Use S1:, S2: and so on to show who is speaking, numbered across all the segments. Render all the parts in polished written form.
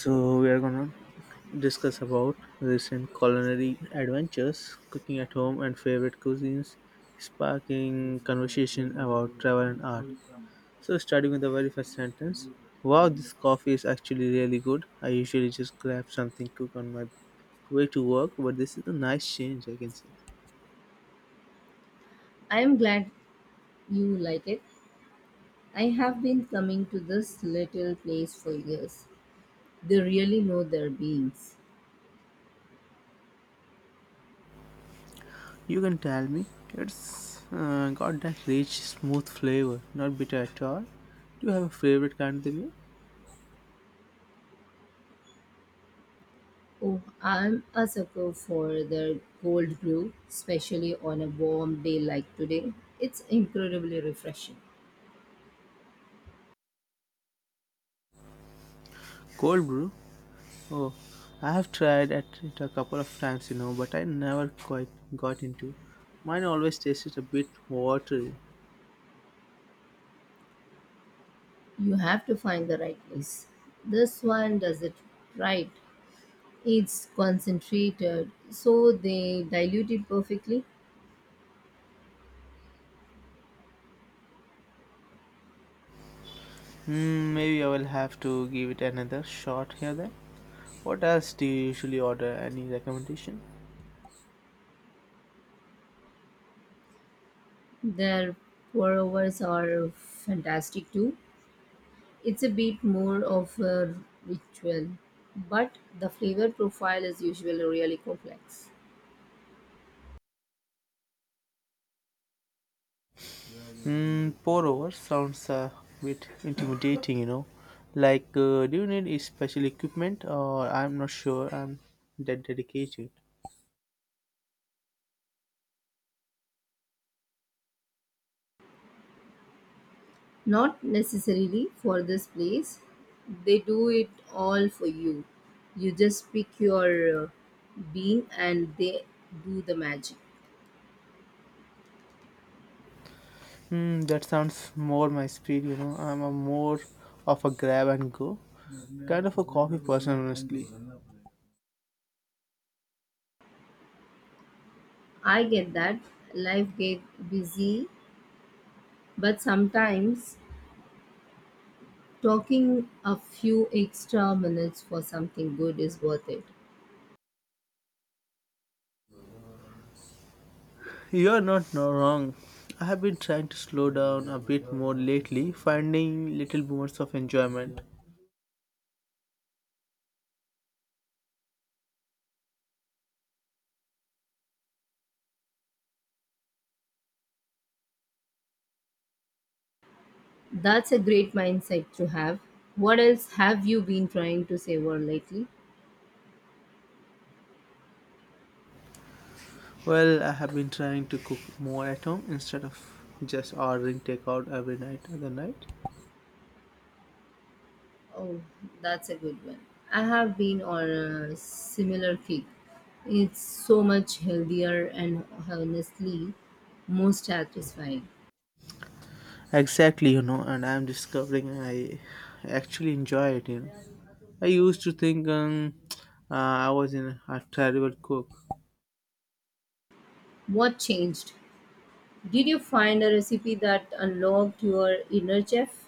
S1: So we are gonna discuss about recent culinary adventures, cooking at home, and favorite cuisines, sparking conversation about travel and art. So starting with the very first sentence, wow, this coffee is actually really good. I usually just grab something cook on my way to work, but this is a nice change, I can say.
S2: I am glad you like it. I have been coming to this little place for years. They really know their beans.
S1: You can tell me, it's got that rich, smooth flavor, not bitter at all. Do you have a favorite kind they make?
S2: Oh, I'm a sucker for their cold brew, especially on a warm day like today. It's incredibly refreshing.
S1: Cold brew. Oh, I have tried at it a couple of times, but I never quite got into. Mine always tasted a bit watery.
S2: You have to find the right place. This one does it right. It's concentrated, so they dilute it perfectly.
S1: Hmm, maybe I will have to give it another shot here then. What else do you usually order? Any recommendation?
S2: Their pour overs are fantastic too. It's a bit more of a ritual, but the flavor profile is usually really complex.
S1: Hmm, pour over sounds a bit intimidating. Like, do you need special equipment, or I'm not sure I'm that dedicated.
S2: Not necessarily for this place, they do it all for you. You just pick your bean and they do the magic.
S1: Hmm, that sounds more my speed. I'm a more of a grab and go kind of a coffee person, honestly.
S2: I get that life get busy, but sometimes talking a few extra minutes for something good is worth it.
S1: You're not no wrong. I have been trying to slow down a bit more lately, finding little moments of enjoyment.
S2: That's a great mindset to have. What else have you been trying to savor lately?
S1: Well, I have been trying to cook more at home instead of just ordering takeout every night other night.
S2: Oh, that's a good one. I have been on a similar kick. It's so much healthier and honestly more satisfying.
S1: Exactly, and I'm discovering I actually enjoy it. I used to think I was in a terrible cook.
S2: What changed? Did you find a recipe that unlocked your inner chef?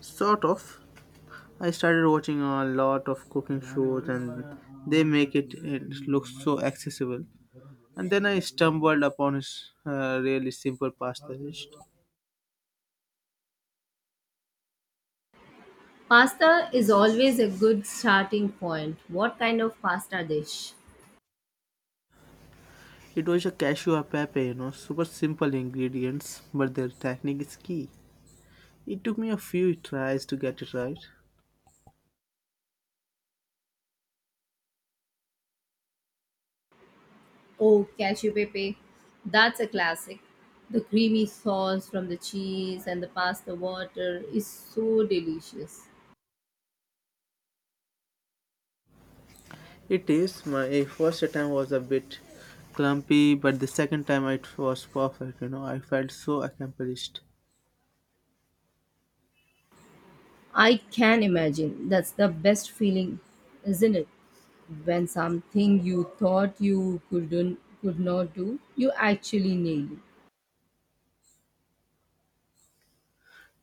S1: Sort of. I started watching a lot of cooking shows and they make it look so accessible. And then I stumbled upon his really simple pasta dish.
S2: Pasta is always a good starting point. What kind of pasta dish?
S1: It was a cashew a pepe, super simple ingredients, but their technique is key. It took me a few tries to get it right.
S2: Oh, cashew pepe. That's a classic. The creamy sauce from the cheese and the pasta water is so delicious.
S1: It is, my first attempt was a bit clumpy, but the second time it was perfect, I felt so accomplished.
S2: I can imagine. That's the best feeling, isn't it? When something you thought you could not do, you actually nail it.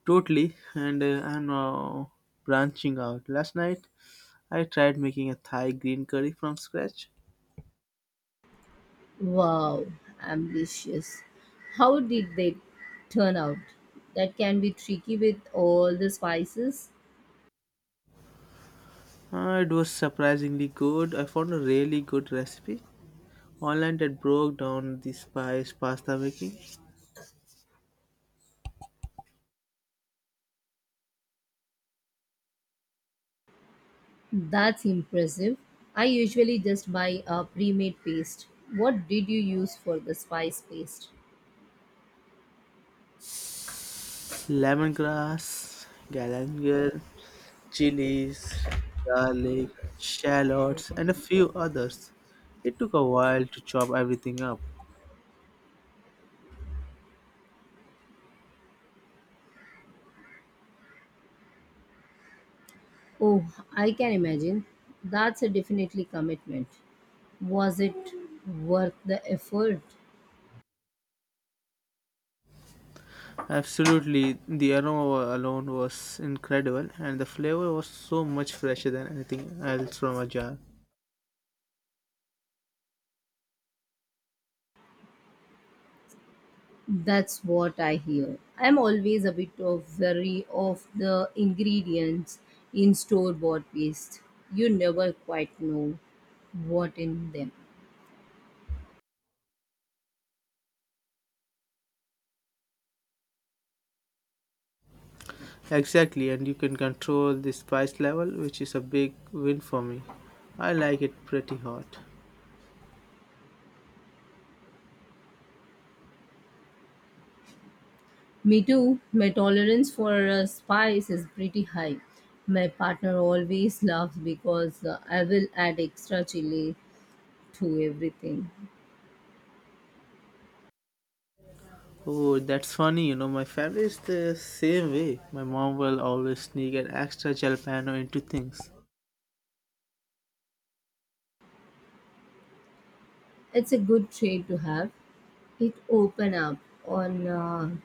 S1: Totally, and I'm now branching out. Last night, I tried making a Thai green curry from scratch.
S2: Wow, ambitious. How did they turn out? That can be tricky with all the spices.
S1: It was surprisingly good. I found a really good recipe online that broke down the spice pasta making,
S2: That's impressive. I usually just buy a pre-made paste. What did you use for the spice paste?
S1: lemongrass, galangal, chilies, garlic, shallots, and a few others. It took a while to chop everything up.
S2: Oh, I can imagine. That's a definitely commitment. Was it worth the effort?
S1: Absolutely, the aroma alone was incredible, and the flavor was so much fresher than anything else from a jar.
S2: That's what I hear. I'm always a bit of wary of the ingredients in store-bought paste. You never quite know what in them.
S1: Exactly, and you can control the spice level, which is a big win for me. I like it pretty hot.
S2: Me too. My tolerance for spice is pretty high. My partner always laughs because I will add extra chili to everything.
S1: Oh, that's funny, my family is the same way. My mom will always sneak an extra jalapeno into things.
S2: It's a good trait to have. It open up on a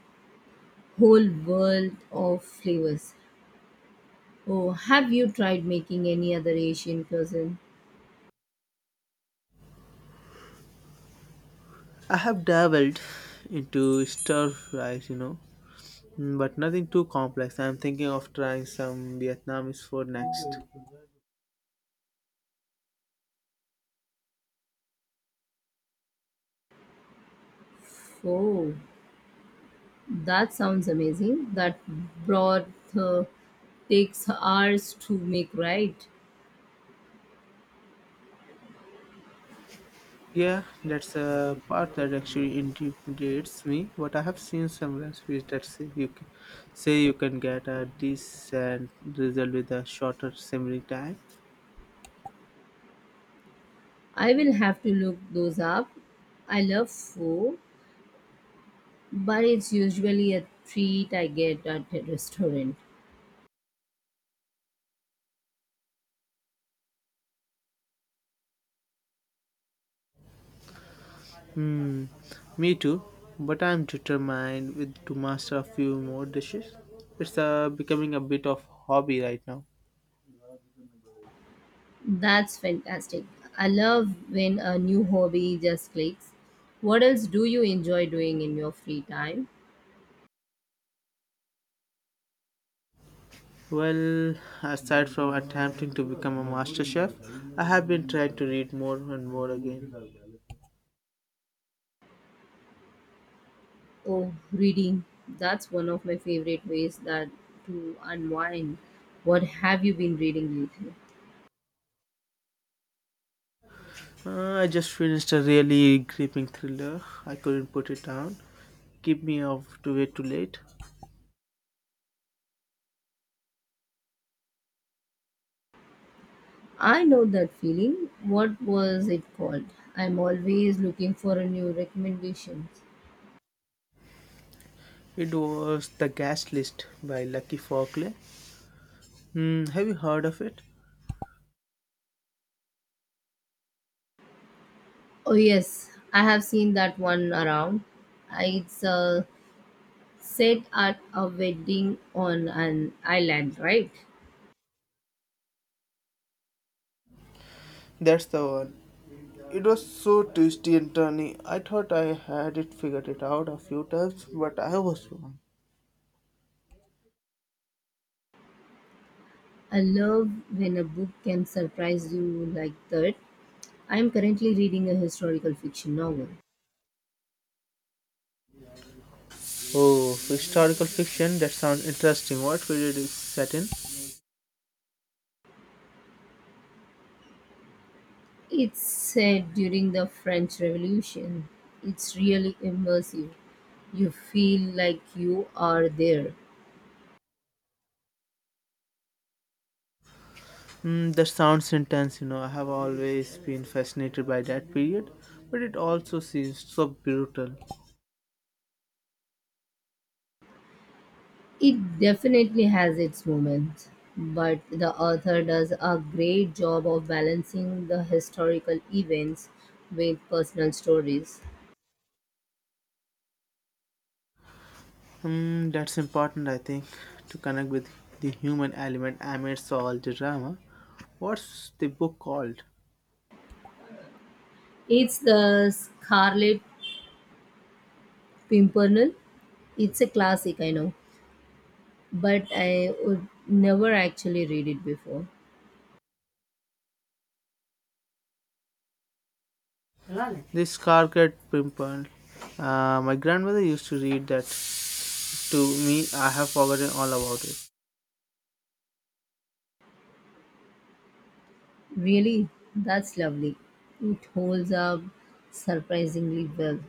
S2: whole world of flavors. Oh, have you tried making any other Asian cuisine?
S1: I have dabbled into stir fries, mm, but nothing too complex. I'm thinking of trying some Vietnamese food next.
S2: Oh, that sounds amazing. That broth uh, takes hours to make, right?
S1: Yeah, that's a part that actually intimidates me. But I have seen some recipes that say you can get a decent result with a shorter simmering time.
S2: I will have to look those up. I love pho, but it's usually a treat I get at a restaurant.
S1: Hmm, me too. But I'm determined with to master a few more dishes. It's becoming a bit of hobby right now.
S2: That's fantastic. I love when a new hobby just clicks. What else do you enjoy doing in your free time?
S1: Well, aside from attempting to become a master chef, I have been trying to read more and more again.
S2: Oh, reading. That's one of my favorite ways that to unwind. What have you been reading lately?
S1: I just finished a really gripping thriller. I couldn't put it down. Keep me off to way too late.
S2: I know that feeling. What was it called? I'm always looking for a new recommendation.
S1: It was The Gas List by Lucky Falkley. Hmm, have you heard of it?
S2: Oh yes, I have seen that one around. It's set at a wedding on an island, right?
S1: That's the one. It was so twisty and turny. I thought I had it figured it out a few times, but I was wrong.
S2: I love when a book can surprise you like that. I am currently reading a historical fiction novel.
S1: Oh, historical fiction. That sounds interesting. What period is set in?
S2: It's set during the French Revolution. It's really immersive. You feel like you are there.
S1: Mm, that sounds intense, I have always been fascinated by that period, but it also seems so brutal.
S2: It definitely has its moments, but the author does a great job of balancing the historical events with personal stories.
S1: Hmm, that's important, I think, to connect with the human element amidst all the drama. What's the book called?
S2: It's the Scarlet Pimpernel. It's a classic, I know, but I would never actually read it before.
S1: The Scarlet Pimpernel. My grandmother used to read that to me. I have forgotten all about it.
S2: Really, that's lovely. It holds up surprisingly well.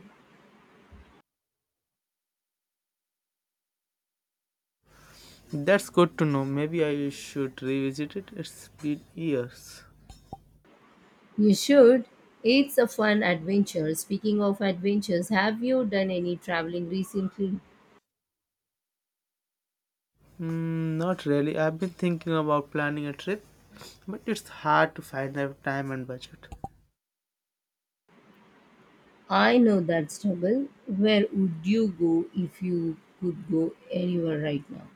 S1: That's good to know. Maybe I should revisit it. It's been years.
S2: You should. It's a fun adventure. Speaking of adventures, have you done any traveling recently?
S1: Mm, not really. I've been thinking about planning a trip, but it's hard to find the time and budget.
S2: I know that's trouble. Where would you go if you could go anywhere right now?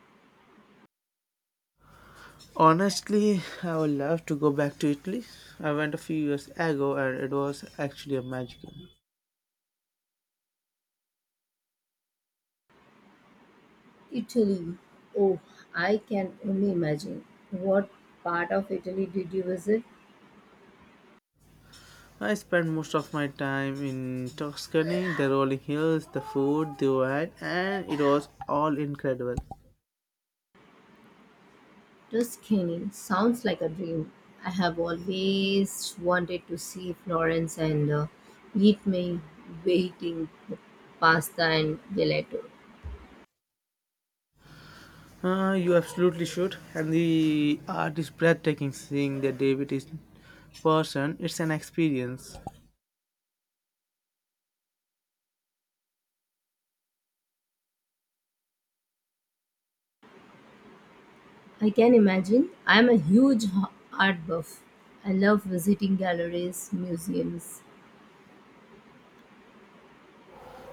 S1: Honestly, I would love to go back to Italy. I went a few years ago and it was actually a magical.
S2: Italy. Oh, I can only imagine. What part of Italy did you visit?
S1: I spent most of my time in Tuscany, the rolling hills, the food, the wine, and it was all incredible.
S2: Tuscany. Sounds like a dream. I have always wanted to see Florence and eat my waiting pasta and gelato.
S1: You absolutely should. And the art is breathtaking seeing the David is person. It's an experience.
S2: I can imagine. I am a huge art buff. I love visiting galleries, museums.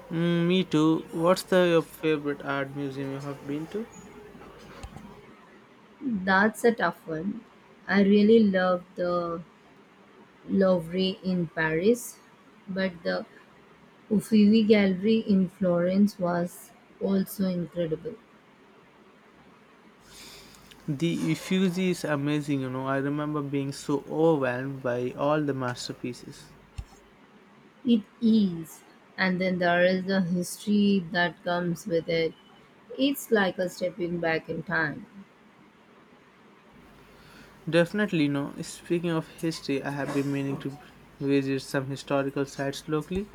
S1: Mm, me too. What's the your favorite art museum you have been to?
S2: That's a tough one. I really love the Louvre in Paris, but the Uffizi Gallery in Florence was also incredible.
S1: The Uffizi is amazing. I remember being so overwhelmed by all the masterpieces.
S2: It is, and then there is the history that comes with it. It's like a stepping back in time.
S1: Definitely, no. Speaking of history, I have been meaning to visit some historical sites locally.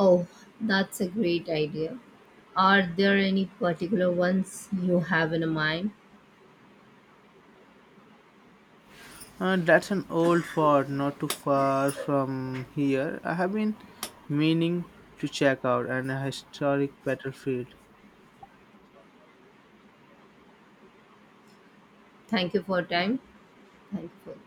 S2: Oh, that's a great idea. Are there any particular ones you have in mind?
S1: That's an old fort not too far from here. I have been meaning to check out an historic battlefield.
S2: Thank you for your time. Thank you for